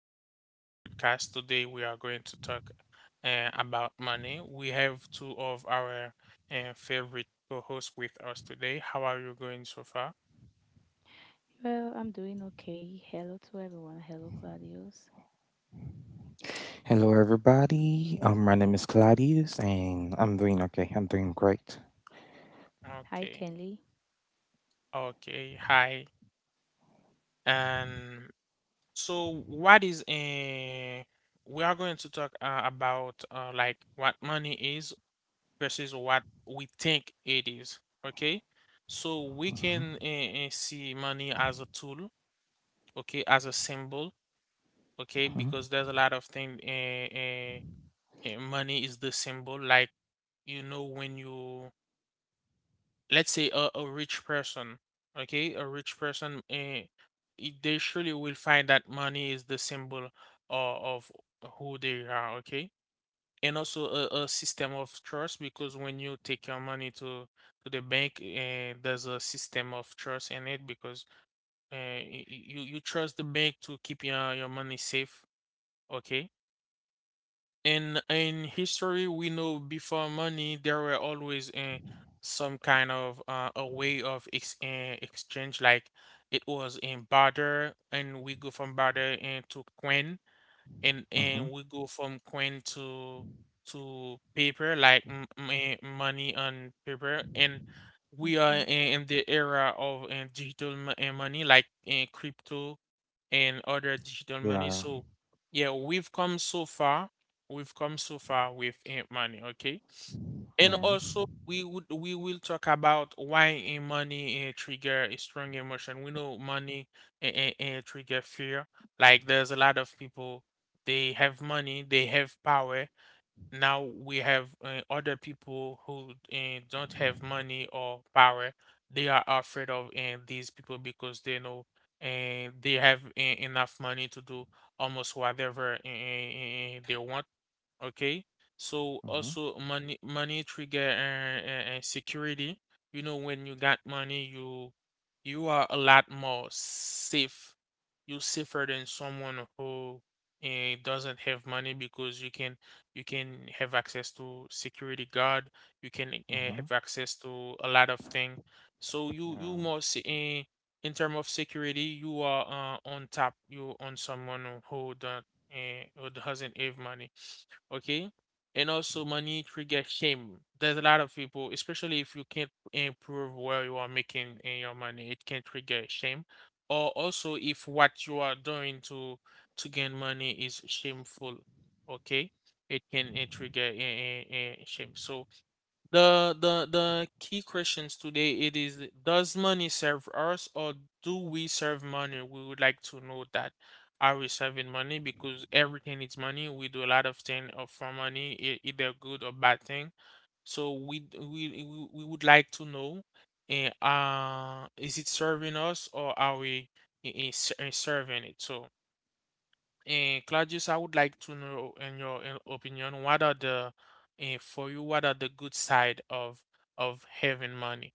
back to our podcast. Today, we are going to talk about money. We have two of our favorite co hosts with us today. How are you going so far? Well, I'm doing okay. Hello to everyone. Hello, Claudius. Hello, everybody. My name is Claudius, and I'm doing okay. I'm doing great. Hi, Okay. Kelly. Okay. Hi. And so, what is we are going to talk about like what money is versus what we think it is. Okay. So, we Mm-hmm, can see money as a tool, okay, as a symbol, okay, mm-hmm, because there's a lot of things. Money is the symbol, like you know, when you let's say a rich person, okay, a rich person, they surely will find that money is the symbol of, of who they are, okay, and also a system of trust because when you take your money to the bank, there's a system of trust in it because you trust the bank to keep your money safe. Okay. In history, we know before money, there were always some kind of a way of ex exchange. Like it was in barter, and we go from barter into coin mm-hmm. and we go from coin to paper like money on paper, and we are Okay. In the era of digital money like crypto and other digital money. Yeah. So yeah, we've come so far. We've come so far with money, okay, and Yeah. also Mm-hmm, we would we will talk about why a money trigger a strong emotion. We know money trigger fear. Like there's a lot of people, they have money, they have power. Now we have other people who don't have money or power. They are afraid of these people because they know they have enough money to do almost whatever they want. Okay, so mm-hmm, also money money trigger security. You know, when you got money, you are a lot more safe. You're safer than someone who doesn't have money, because you can have access to security guard. You can mm-hmm. have access to a lot of things. So you Yeah. must in terms of security, you are on top. You on someone who don't who doesn't have money, okay? And also money trigger shame. There's a lot of people, especially if you can't improve where you are making in your money, it can trigger shame. Or also if what you are doing to gain money is shameful, okay? It can trigger shame. So the key questions today it is does money serve us or do we serve money? We would like to know that. Are we serving money? Because everything is money. We do a lot of things for money, either good or bad thing. So we would like to know, is it serving us or are we serving it? So. Claudius, I would like to know, in your opinion, what are the, eh, for you, what are the good side of having money?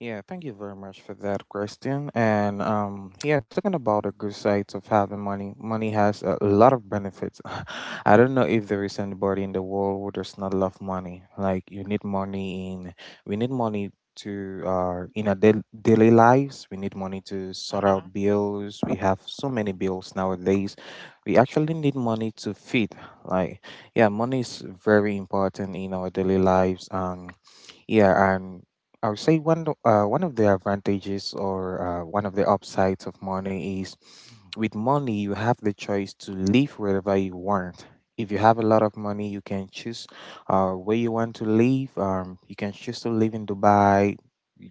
Yeah, thank you very much for that question. And talking about the good sides of having money, money has a lot of benefits. I don't know if there is anybody in the world who does not love money. Like you need money we need money to in our daily lives. We need money to sort Uh-huh. out bills. We have so many bills nowadays. We actually need money to feed. Like yeah, money is very important in our daily lives. Yeah, and I would say one of the advantages or one of the upsides of money is with money you have the choice to live wherever you want. If you have a lot of money, you can choose where you want to live. You can choose to live in Dubai,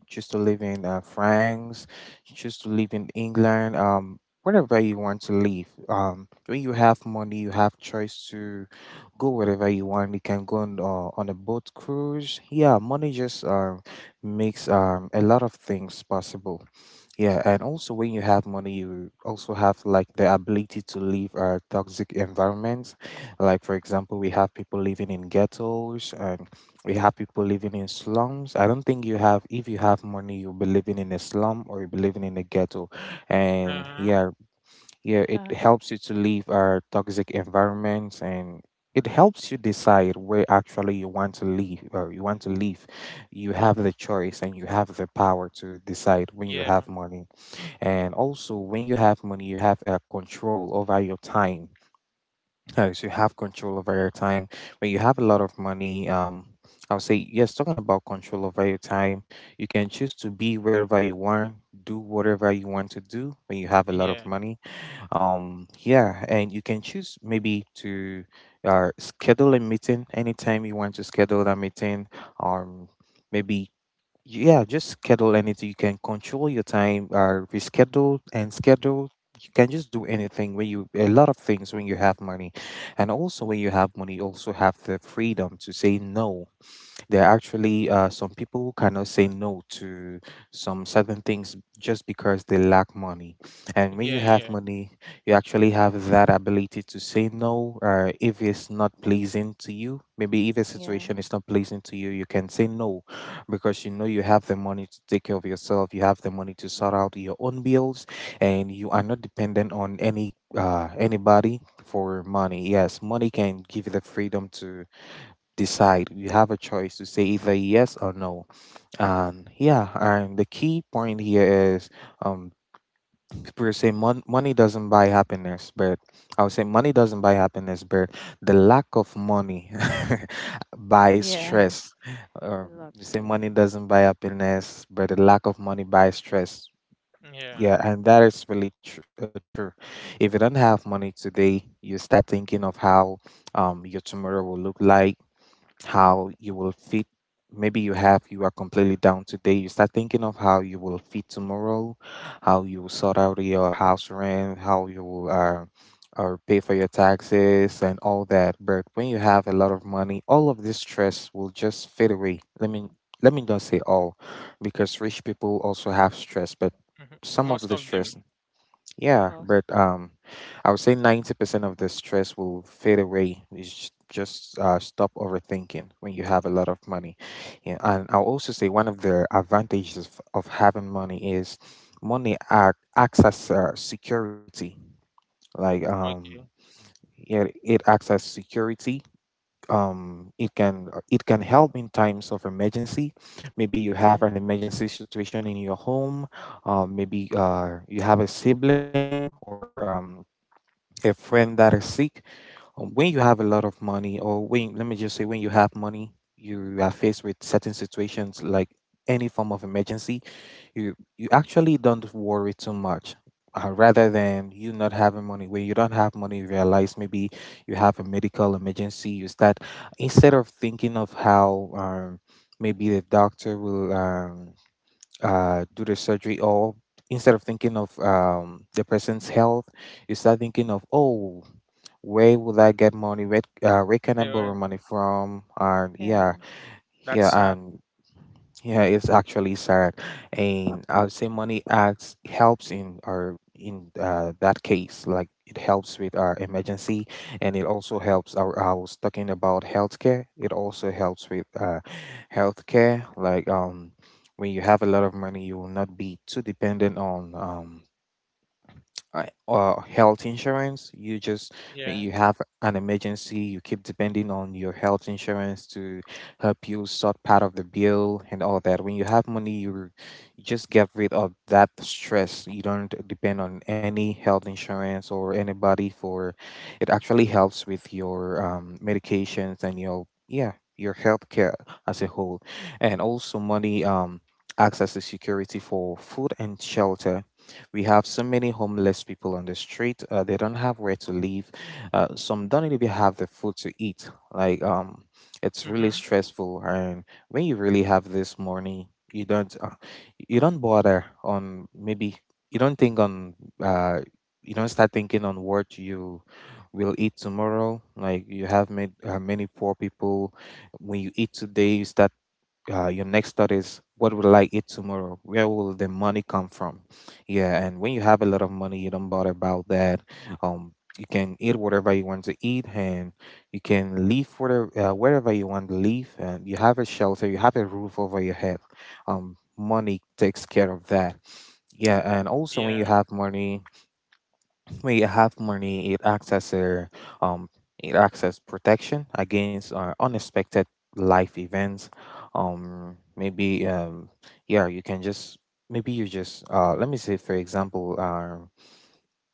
choose to live in France, you choose to live in England, wherever you want to live. When you have money, you have choice to go wherever you want. You can go on a boat cruise. Yeah, money just makes a lot of things possible. Yeah, and also when you have money, you also have like the ability to leave toxic environments. Like for example, we have people living in ghettos, and we have people living in slums. I don't think you have if you have money, you'll be living in a slum or you'll be living in a ghetto. And Uh-huh. yeah, yeah, it Yeah. helps you to leave our toxic environments. And. It helps you decide where actually you want to live or you want to live. You have the choice and you have the power to decide when you Yeah. have money. And also, when you have money, you have control over your time. So you have control over your time. When you have a lot of money, I would say yes. Talking about control over your time, you can choose to be wherever you want, do whatever you want to do when you have a lot of Yeah. money. Yeah, and you can choose maybe to schedule a meeting anytime you want to schedule that meeting. Um, maybe yeah, just schedule anything. You can control your time, reschedule and schedule. You can just do anything when you a lot of things when you have money, and also when you have money, you also have the freedom to say no. There are actually some people who cannot say no to some certain things just because they lack money. And when you Yeah. have Yeah. money, you actually have that ability to say no if it's not pleasing to you. Maybe if a Yeah. situation is not pleasing to you, you can say no because you know you have the money to take care of yourself, you have the money to sort out your own bills, and you are not dependent on anybody for money. Yes, money can give you the freedom to decide. You have a choice to say either yes or no. And yeah, and the key point here is um, people say money doesn't buy happiness, but I would say money doesn't buy happiness, but the lack of money buys Yeah. stress. A lot You of say it. money doesn't buy happiness, but the lack of money buys stress. Yeah. Yeah, and that is really true. If you don't have money today, you start thinking of how your tomorrow will look like, how you will fit. Maybe you have, you are completely down today. You start thinking of how you will fit tomorrow, how you will sort out your house rent, how you will or pay for your taxes and all that. But when you have a lot of money, all of this stress will just fade away. Let me not say all, because rich people also have stress, but Mhm. some of Most the of them. stress yeah, Most. but I would say 90% of the stress will fade away. Just stop overthinking when you have a lot of money. Yeah, and I'll also say one of the advantages of having money is money acts as security. Like Okay. yeah, it acts as security. It can help in times of emergency. Maybe you have Yeah. an emergency situation in your home, maybe you have a sibling or a friend that is sick. When you have a lot of money, or when, let me just say, when you have money, you are faced with certain situations like any form of emergency, you actually don't worry too much. Rather than you not having money, when you don't have money, you realize maybe you have a medical emergency. You start instead of thinking of how maybe the doctor will do the surgery, or instead of thinking of the person's health, you start thinking of, oh, where would I get money? Where can I borrow Yeah. money from? And Yeah. yeah, That's yeah, sad. and yeah, it's actually sad. And I'll say money acts helps in or in that case, like it helps with our emergency, and it also helps. I was talking about healthcare. It also helps with healthcare, like. When you have a lot of money, you will not be too dependent on health insurance. You just may Yeah. you have an emergency. You keep depending on your health insurance to help you sort part of the bill and all that. When you have money, you just get rid of that stress. You don't depend on any health insurance or anybody for. It actually helps with your medications and your yeah your health care as a whole, and also money acts as a security for food and shelter. We have so many homeless people on the street. They don't have where to live. Some don't even have the food to eat. Like it's really Mm-hmm. stressful. And when you really have this money, you don't bother on maybe you don't think on uh, you don't start thinking on what you will eat tomorrow. Like you have made, many poor people. When you eat today, you start your next thought is what will I eat tomorrow, where will the money come from? Yeah, and when you have a lot of money you don't bother about that. Um, you can eat whatever you want to eat and you can leave whatever, wherever you want to leave and you have a shelter, you have a roof over your head. Um, money takes care of that. Yeah, and also when you Yeah. have money, may have money, it acts as a um, it acts as protection against unexpected life events. Maybe yeah, you can just maybe you just let me say for example,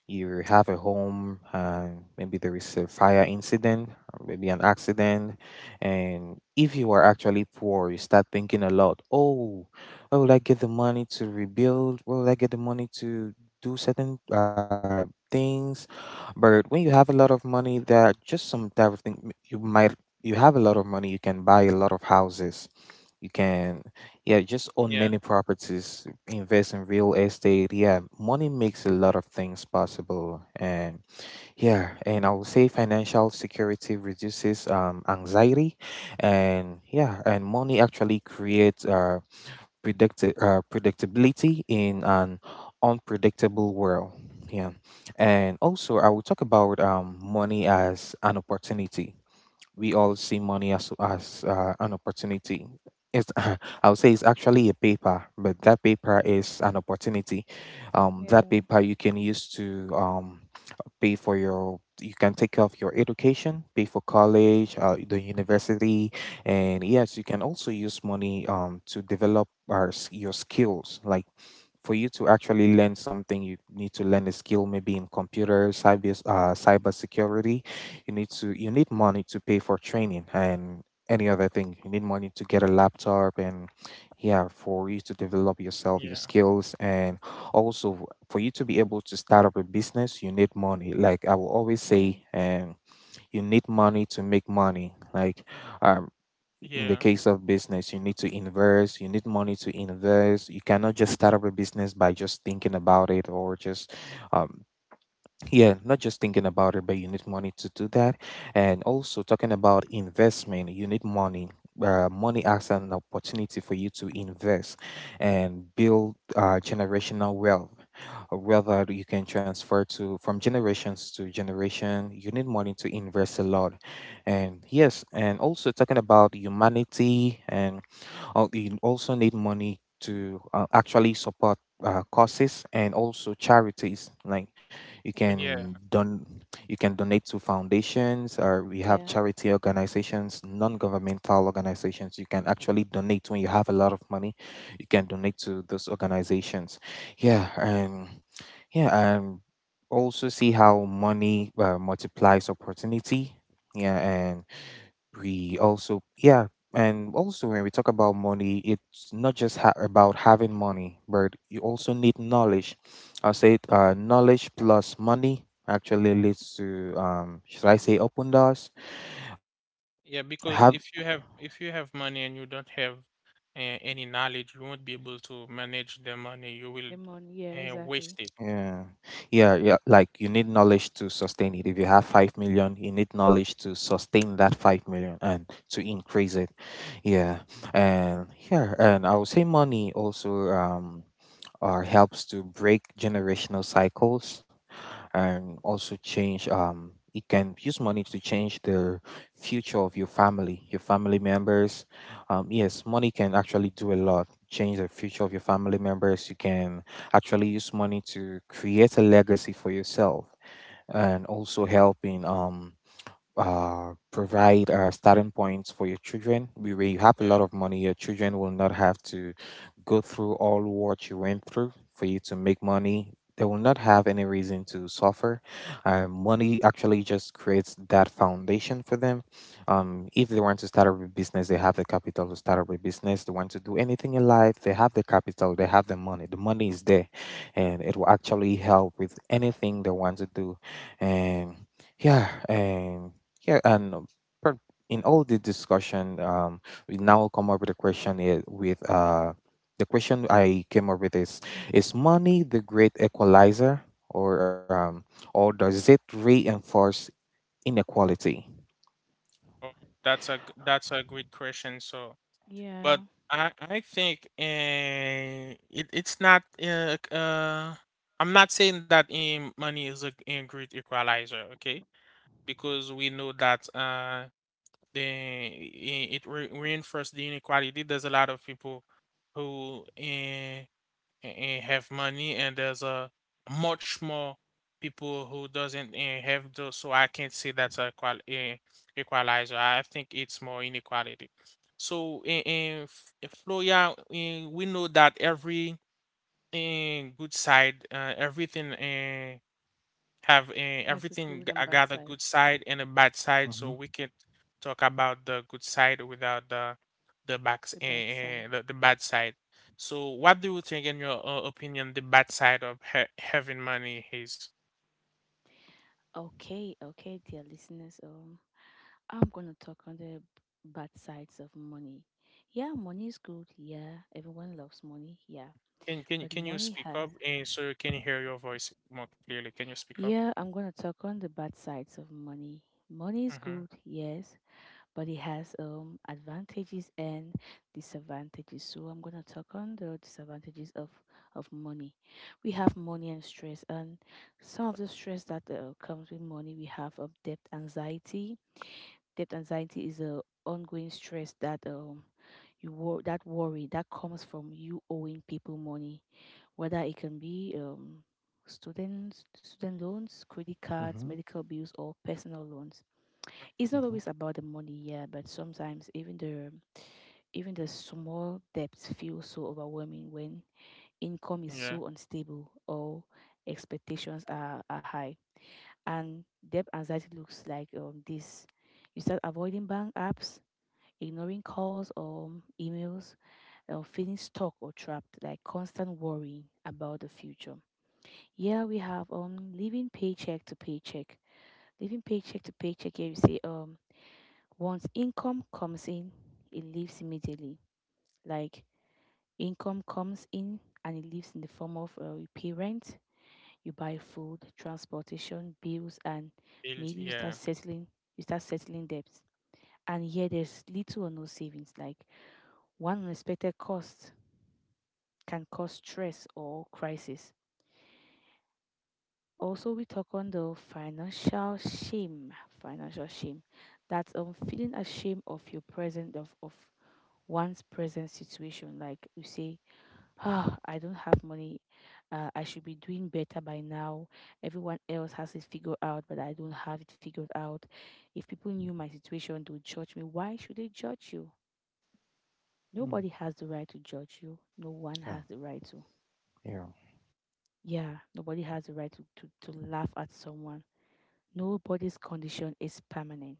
you have a home and maybe there is a fire incident or maybe an accident, and if you are actually poor you start thinking a lot, oh, where will I get the money to rebuild, where will I get the money to do certain things. But when you have a lot of money there are just some type of thing you might, you have a lot of money, you can buy a lot of houses, you can yeah, just own Yeah. many properties, invest in real estate. Yeah, money makes a lot of things possible. And yeah, and I would say financial security reduces anxiety. And yeah, and money actually creates predictability in an unpredictable world. Yeah. And also, I will talk about money as an opportunity. We all see money as an opportunity. It's, I would say it's actually a paper, but that paper is an opportunity. That Yeah. paper you can use to pay for you can take care of your education, pay for college, the university, and yes, you can also use money to develop your skills, like for you to actually learn something, you need to learn a skill, maybe in computer, cyber security. You need money to pay for training and any other thing. You need money to get a laptop and yeah, for you to develop yourself, your Yeah. skills, and also for you to be able to start up a business, you need money. Like I will always Yeah. say, you need money to make money. Like uh, in the Yeah. case of business, you need to invest, you need money to invest. You cannot just start up a business by just thinking about it or just um, yeah not just thinking about it but you need money to do that. And also talking about investment you need money, money acts as an opportunity for you to invest and build generational wealth, wealth you can transfer to from generations to generation. You need money to invest a lot. And yes, and also talking about humanity and I you also need money to actually support causes and also charities. Like you Yeah. can don you can donate to foundations, or we have Yeah. charity organizations, non-governmental organizations. You can actually donate when you have a lot of money. You can donate to those organizations. Yeah, and yeah, and also see how money multiplies opportunity. Yeah, and we also yeah and also when we talk about money it's not just about having money but you also need knowledge. I say, knowledge plus money actually leads to should I say open doors Yeah. Because have. If you have money and you don't have any knowledge, you won't be able to manage the money. You will The money. Yeah, waste exactly. it. Yeah, yeah, yeah, like you need knowledge to sustain it. If you have 5 million you need knowledge to sustain that 5 million and to increase it. Yeah, and yeah, and I would say money also helps to break generational cycles and also change it can use money to change the future of your family, your family members. Um, yes, money can actually do a lot, change the future of your family members. You can actually use money to create a legacy for yourself and also help in provide starting points for your children. Where you have a Yeah. lot of money your children will not have to go through all what you went through for you to make money. They will not have any reason to suffer. Uh, money actually just creates that foundation for them. Um, if they want to start up a business they have the capital to start up a business, they want to do anything in life they have the capital, they have the money, the money is there, and it will actually help with anything they want to do. And yeah, and yeah, and per- in all the discussion, we now come up with a question I- with the question I came up with is money the great equalizer, or um, or does it reinforce inequality? Oh, that's that's a great question. So, Yeah. but I think it it's not c- I'm not saying that money is a great equalizer, okay? Because we know that the it re reinforces the inequality. There's a lot of people who and have money, and there's a much more people who doesn't have those, so I can't say that's a equal, equalizer. I think it's more inequality. So in, in Florida, eh, we know that every good side everything have That's a good I and bad got a side. good side and a bad side, so we Mm-hmm, can talk about the good side without the the backs The bad side. and the bad side. So, what do you think, in your opinion, the bad side of ha having money is? Okay. Okay, dear listeners. I'm gonna talk on the bad sides of money. Yeah, money is good. Yeah, everyone loves money. Yeah, Can but can you money speak has. up and so you can hear your voice more clearly? Can you speak up? Yeah, I'm gonna talk on the bad sides of money. Money is Mm-hmm. good, yes, but it has advantages and disadvantages. So I'm gonna talk on the disadvantages of money. We have money and stress, and some of the stress that comes with money, we have debt anxiety. Debt anxiety is a ongoing stress that worry that comes from you owing people money, whether it can be, students, student loans, credit cards, mm-hmm, medical bills, or personal loans. It's not mm-hmm, always about the money, yeah, but sometimes even the small debts feel so overwhelming when income is Yeah. so unstable or expectations are high. And debt anxiety looks like this. You start avoiding bank apps, ignoring calls or emails, or feeling stuck or trapped, like constant worrying about the future. Yeah, we have living paycheck to paycheck. Living paycheck to paycheck, here you say, once income comes in, it leaves immediately. Like income comes in and it leaves in the form of, you pay rent, you buy food, transportation, bills, and Build. maybe you start Yeah. settling you start settling debts. And here there's little or no savings. Like one unexpected cost can cause stress or crisis. Also, we talk on the financial shame. Financial shame, that's feeling ashamed of your present, of one's present situation. Like you say, ah, I don't have money. I should be doing better by now. Everyone else has it figured out, but I don't have it figured out. If people knew my situation, they would judge me. Why should they judge you? mm, Nobody has the right to judge you. No one yeah, has the right to, yeah, yeah, nobody has the right to laugh at someone. Nobody's condition is permanent.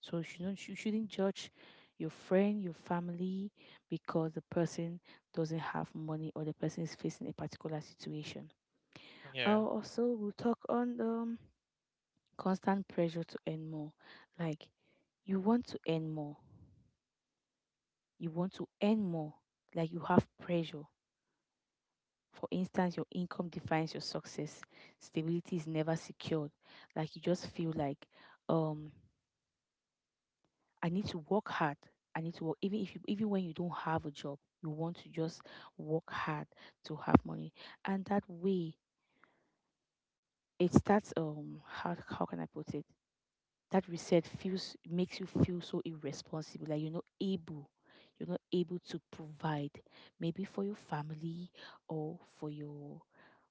So you shouldn't judge your friend, your family, because the person doesn't have money or the person is facing a particular situation. Yeah. I'll also, we'll talk on the constant pressure to earn more. Like, you want to earn more. You want to earn more. Like, you have pressure. For instance, your income defines your success. Stability is never secured. Like, you just feel like, um, I need to work hard. I need to work, even if you, even when you don't have a job, you want to just work hard to have money, and that way it starts. How can I put it? That reset feels makes you feel so irresponsible. Like you're not able to provide, maybe for your family, or for your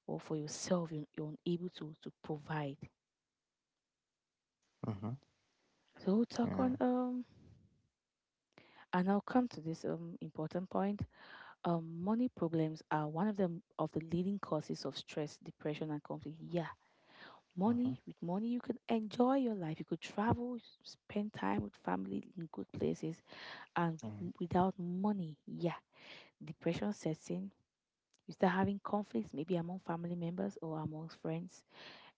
or for yourself. You're unable to provide. mm-hmm, So we'll talk yeah, on and I'll come to this important point. Money problems are one of them of the leading causes of stress, depression, and conflict. Yeah, mm-hmm, money, with money you can enjoy your life. You could travel, spend time with family in good places, and with, without money, yeah, depression sets in. You start having conflicts, maybe among family members or among friends,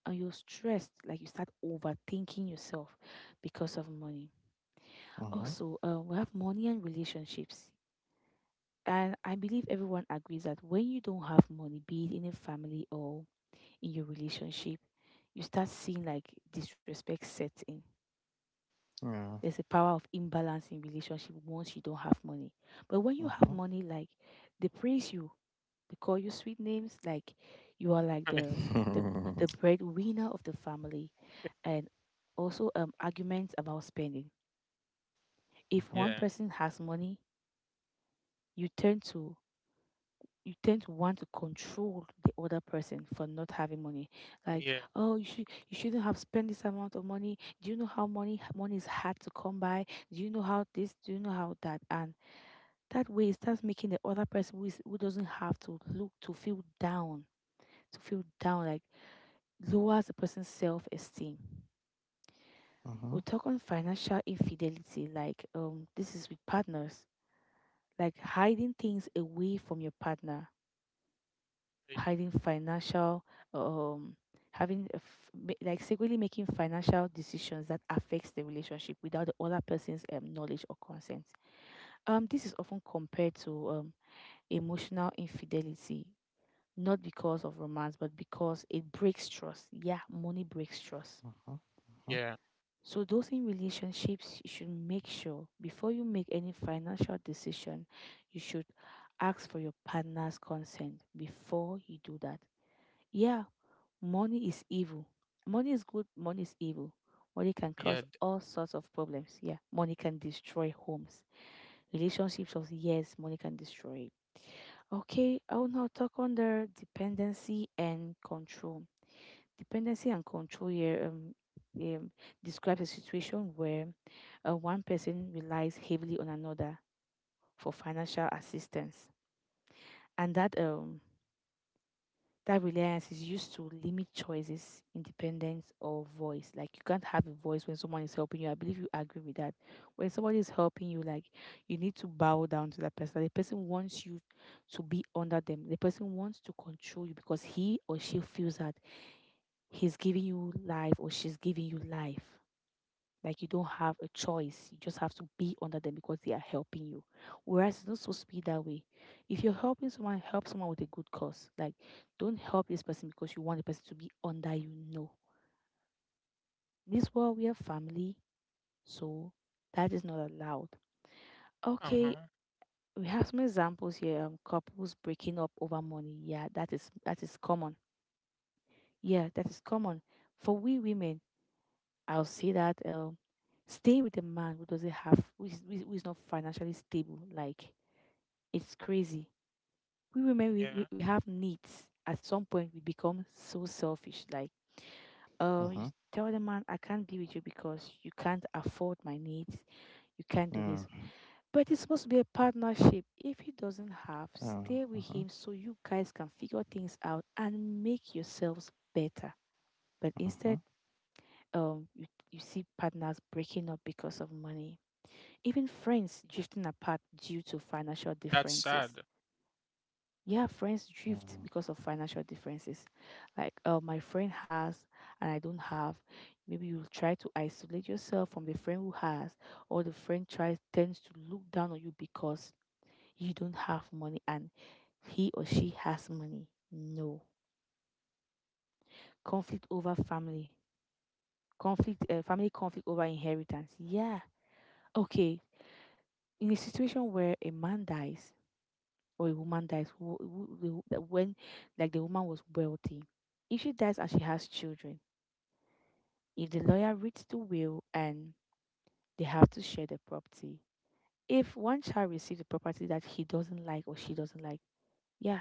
and you're stressed. Like you start overthinking yourself because of money. mm-hmm, Also, we have money and relationships, and I believe everyone agrees that when you don't have money, be it in a family or in your relationship, you start seeing like disrespect sets in. yeah, There's a power of imbalance in relationship once you don't have money. But when you have mm-hmm, money, like they praise you, they call you sweet names, like you are like the mm-hmm, the breadwinner of the family, and also arguments about spending. If mm-hmm, one Yeah. person has money, you turn to you tend to want to control the other person for not having money. Like, Yeah. oh, you shouldn't have spent this amount of money. Do you know how money is hard to come by? Do you know how this? Do you know how that? And that way, it starts making the other person who is who doesn't have to look to feel down, like lowers the person's self esteem. We'll talk on financial infidelity, like this is with partners, like hiding things away from your partner, y- hiding financial, um having a f- ma- like secretly making financial decisions that affects the relationship without the other person's knowledge or consent. This is often compared to emotional infidelity, not because of romance but because it breaks trust. Yeah, money breaks trust. mm-hmm, Yeah. So those in relationships, you should make sure before you make any financial decision, you should ask for your partner's consent before you do that. Yeah, money is evil. Money is good, money is evil. Money can Yeah. cause d- all sorts of problems. Yeah, money can destroy homes, relationships of years, money can destroy it. Okay, I will now talk on the dependency and control. Dependency and control here, um, describes a situation where one person relies heavily on another for financial assistance. And that, that reliance is used to limit choices, independence, or voice. Like you can't have a voice when someone is helping you. I believe you agree with that. When somebody is helping you, like you need to bow down to that person. The person wants you to be under them. The person wants to control you because he or she feels that he's giving you life or she's giving you life. Like you don't have a choice. You just have to be under them because they are helping you. Whereas it's not supposed to be that way. If you're helping someone, help someone with a good cause. Like don't help this person because you want the person to be under you. No. In this world we are family, so that is not allowed. Okay, Uh-huh. we have some examples here. Couples breaking up over money. Yeah, that is common. Yeah, that is common. For we women, I'll say that, stay with a man who doesn't have, who is, who is not financially stable. Like it's crazy. We women we, Yeah. we, we have needs. At some point, we become so selfish. Like, you mm-hmm, tell the man, I can't be with you because you can't afford my needs. You can't do yeah, this. But it's supposed to be a partnership. If he doesn't have, uh, stay with mhm, him so you guys can figure things out and make yourselves better. But mhm, instead, you, you see partners breaking up because of money, even friends drifting apart due to financial That's differences. sad. Yeah, friends drift yeah, because of financial differences. Like, my friend has and I don't have. Maybe you try to isolate yourself from the friend who has, or the friend tries tends to look down on you because you don't have money and he or she has money. No. Conflict over family, conflict, family conflict over inheritance. Yeah. Okay, in a situation where a man dies or a woman dies, when like the woman was wealthy, if she dies and she has children, if the lawyer reads the will and they have to share the property, if one child receives the property that he doesn't like or she doesn't like, yeah,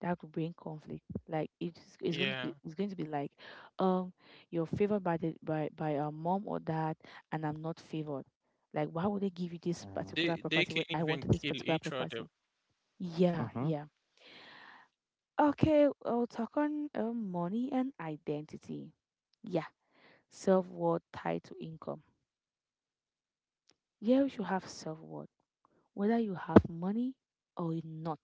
that could bring conflict. Like it's going to Yeah. be, it's going to be like, um, you're favored by the by a mom or dad, and I'm not favored. Like, why would they give you this yeah, particular They property when can't I even wanted this kill particular each property? other. Yeah, mhm. yeah. Okay, I'll talk on money and identity. Yeah, self worth tied to income. Yeah, you should have self worth, whether you have money or not.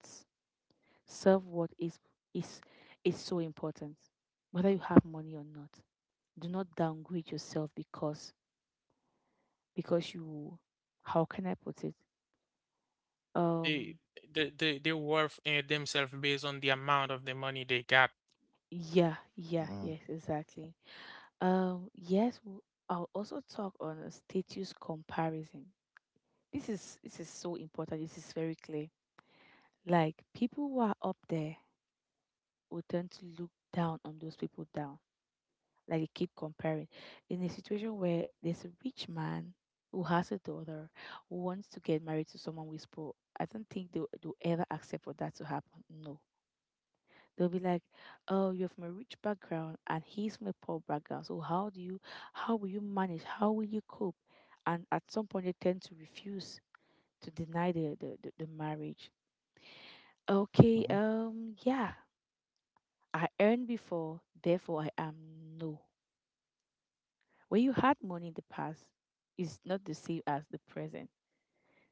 Self worth is is so important, whether you have money or not. Do not downgrade yourself because you. How can I put it? They Um. They worth themselves based on the amount of the money they got. Yeah. Uh Yeah. huh. Yes. Exactly. Yes. I'll also talk on a status comparison. This is so important. This is very clear. Like people who are up there will tend to look down on those people down. Like they keep comparing. In a situation where there's a rich man who has a daughter who wants to get married to someone with poor, I don't think they'll ever accept for that to happen. No. They'll be like, "Oh, you're from a rich background, and he's from a poor background. So how do you, how will you manage? How will you cope?" And at some point, they tend to refuse to deny the marriage. Okay, yeah, I earned before, therefore I am. No. When you had money in the past, it's not the same as the present.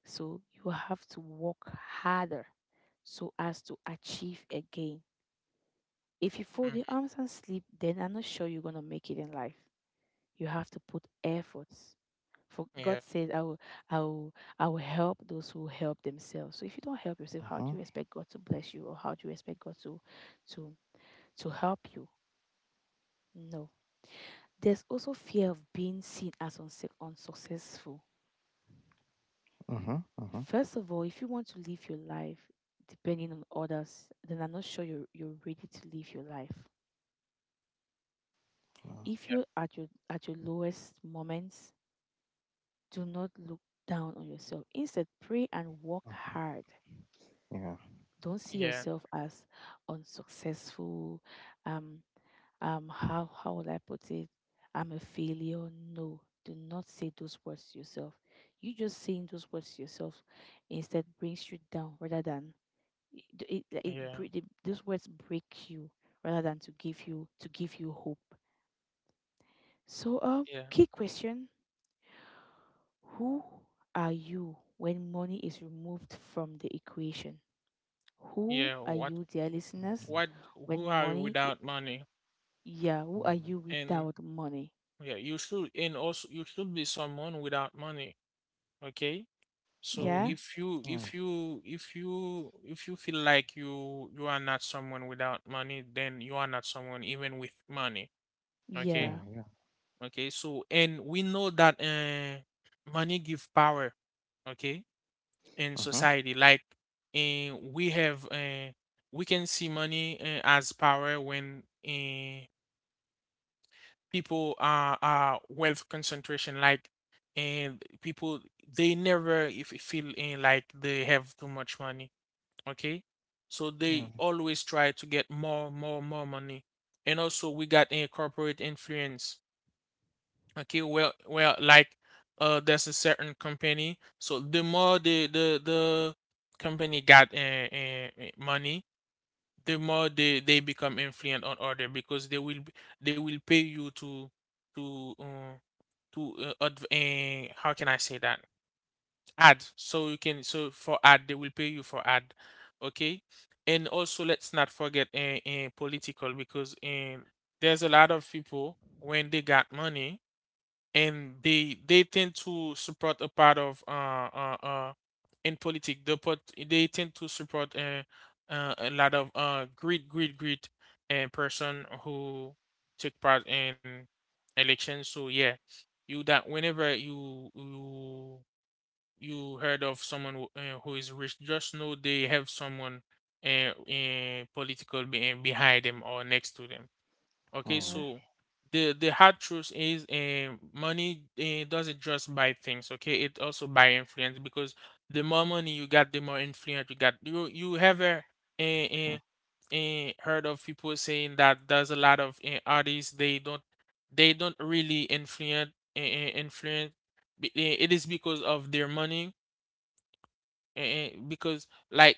So you have to work harder so as to achieve again. If you fold your Mhm. arms and sleep, then I'm not sure you're gonna make it in life. You have to put efforts. For Yeah, God says, I will, I will help those who help themselves. So if you don't help yourself, Uh how huh. Uh, do you expect God to bless you, or how do you expect God to, to help you? No. There's also fear of being seen as unsuccessful. huh. Huh. Uh huh. First of all, if you want to live your life depending on others, then I'm not sure you're ready to live your life. If yeah, you're at your lowest moments, do not look down on yourself. Instead, pray and work hard. Yeah, Don't see yeah, yourself as unsuccessful. Um, how would I put it? I'm a failure. No, do not say those words to yourself. You just saying those words to yourself instead brings you down, rather than it, it, like, it, yeah, bre- the- those words break you, rather than to give you hope. So yeah. key question: who are you when money is removed from the equation? Who Yeah. are What you, dear listeners, what? Who when are you money, without money? yeah, who are you And without money? yeah, you should and also you should be someone without money. Okay. So Yeah. mhm, if you if mm, you if you if you feel like you are not someone without money, then you are not someone even with money. Okay. yeah, Yeah. yeah, Okay, so and we know that money give power, okay, in uh huh. society. Like, we have we can see money as power when people are wealth concentration. Like, and people they never if if feel like they have too much money. Okay, so Yeah, uh, they yeah, always try to get more, more, more money. And also we got a corporate influence. Okay, well, well, like, there's a certain company. So the more the company got money, the more they become influent on order, because they will they will pay you to uh, to adv how can I say that? Ad. So you can so for ad they will pay you for ad. Okay, and also let's not forget political, because there's a lot of people when they got money and they tend to support a part of uh, uh in politics. They put they tend to support a lot of great great great person who take part in elections. So yeah, you that whenever you you you heard of someone who is rich, just know they have someone political behind them or next to them. Okay, uh Yeah. so huh. The hard truth is, money doesn't just buy things. Okay, it also buy influence, because the more money you got, the more influence you got. You ever Uh uh, heard of people saying that there's a lot of artists they don't really influence influence. It is because of their money. Because like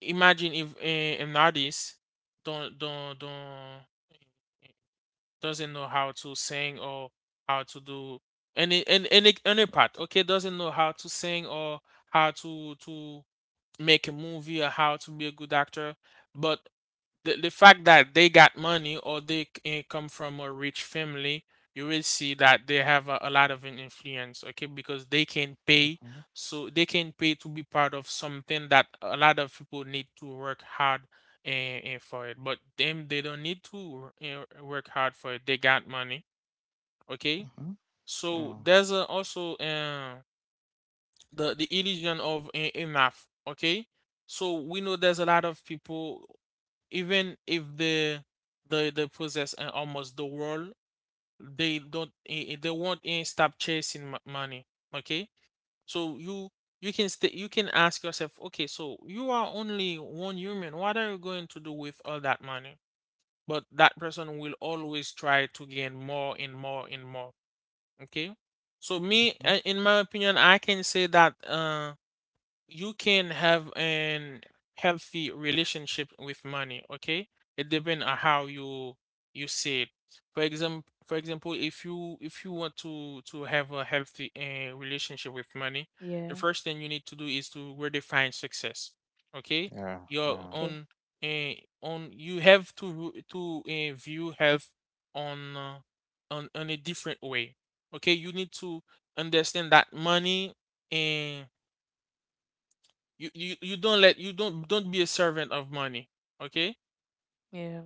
imagine if an artist don't doesn't know how to sing or how to do any part, okay doesn't know how to sing or how to make a movie or how to be a good actor, but the fact that they got money or they come from a rich family, you will see that they have a lot of an influence, okay? Because they can pay, so they can pay to be part of something that a lot of people need to work hard and, for it. But them, they don't need to work hard for it. They got money, okay? huh. So Yeah, there's a, also. The illusion of enough, okay. So we know there's a lot of people, even if they they possess almost the world, they don't they won't stop chasing money, okay. So you can stay you can ask yourself, okay, so you are only one human. What are you going to do with all that money? But that person will always try to gain more and more and more, okay. So uh me huh. In my opinion I can say that you can have an healthy relationship with money, okay. It depends on how you you see it. For example, for example, if you want to have a healthy relationship with money, the Yeah. first thing you need to do is to redefine success, okay, Yeah, your yeah, Okay. own uh, on. You have to view health on uh, on a different way, okay. You need to understand that money, eh, you don't let you don't be a servant of money, okay. Yeah.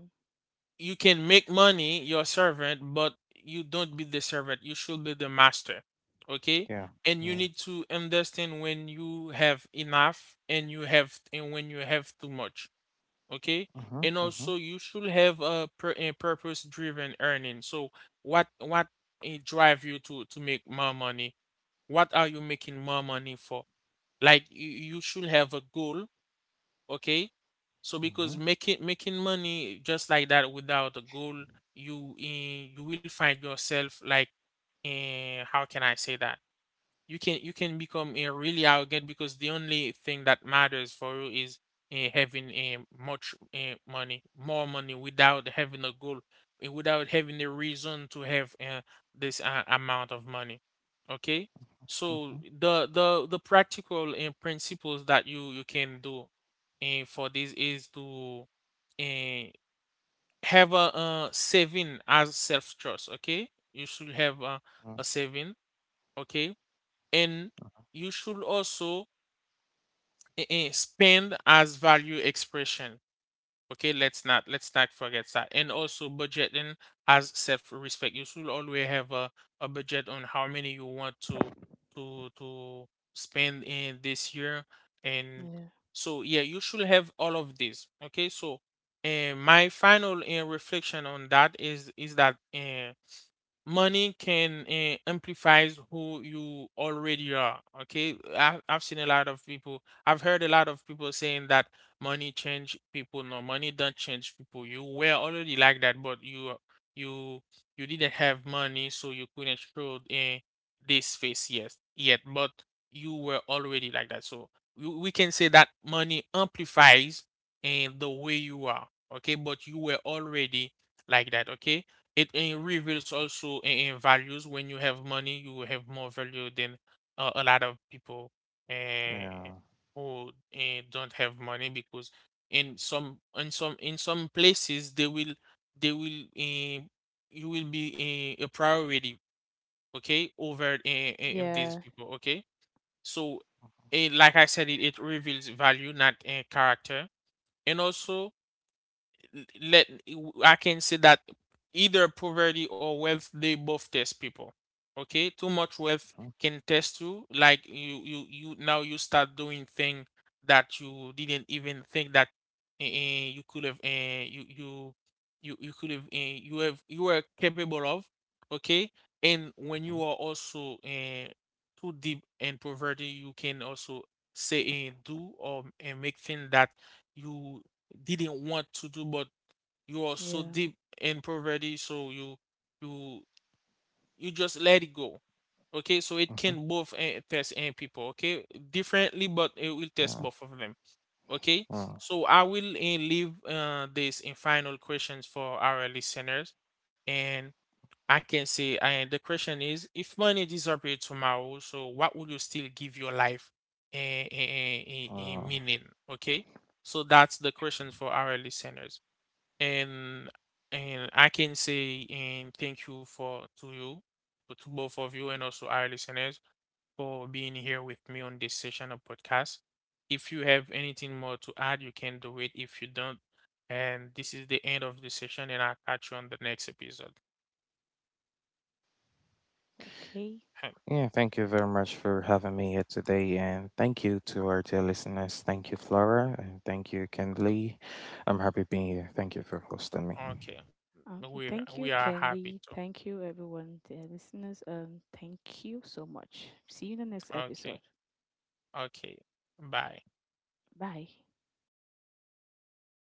You can make money your servant, but you don't be the servant, you should be the master, okay. yeah, And you yeah, need to understand when you have enough and you have and when you have too much, okay. uh huh. And Uh huh. also you should have a, a purpose driven earning. So what drive you to make more money? What are you making more money for? Like, you should have a goal, okay. So Uh, because huh. making making money just like That without a goal, you will find yourself like, how can I say that, you can become a really arrogant because the only thing that matters for you is having a much money, more money without having a goal, without having a reason to have this amount of money. Okay. Uh So huh. the practical principles that you can do for this is to uh, have a saving as self trust. Okay, you should have Uh a saving. Okay. And you should also spend as value expression. Okay, let's not forget that, and also budgeting as self-respect. You should always have a budget on how many you want to to spend in this year. And Yeah. so yeah, you should have all of this. Okay. So, and my final reflection on that is that money can amplifies who you already are. Okay, I've seen a lot of people, I've heard a lot of people saying that money change people. No, money don't change people, you were already like that but you you didn't have money so you couldn't show this face yes yet, but you were already like that. So, we can say that money amplifies and the way you are. Okay, but you were already like that. Okay, it reveals also in values. When you have money, you will have more value than a lot of people uh, yeah, who don't have money, because in some places they will they will uh, you will be a priority, okay, over Yeah. these people, okay. So, like I said, it reveals value, not character. And also, let, I can say that either poverty or wealth, they both test people. Okay, too much wealth mhm, mhm, mhm, can test you. Like you, now you start doing things that you didn't even think that you could have. You you you you could have. You have you were capable of. Okay, and when you are also too deep in poverty, you can also say and do, or and make things that you didn't want to do, but you are so Yeah. deep in poverty so you you just let it go. Okay, so it can both test and people, okay, differently, but it will test yeah, both of them. Okay. uh, So I will leave this in final questions for our listeners. And I can say and the question is, if money disappeared tomorrow, so what would you still give your life a, a, uh, meaning? Okay, so that's the question for our listeners. and and I can say and thank you for, to you, to both of you, and also our listeners, for being here with me on this session of podcast. If you have anything more to add, you can do it. If you don't, and this is the end of the session, and I'll catch you on the next episode. Okay. Huh, yeah, thank you very much for having me here today, and thank you to our dear listeners. Thank you, Flora, and thank you, Kendley. I'm happy being here. Thank you for hosting okay, me. Okay. we Thank you, we are happy Kenley. to. Thank you, everyone, dear listeners. Thank you so much. See you in the next episode. Okay, okay, bye. Bye.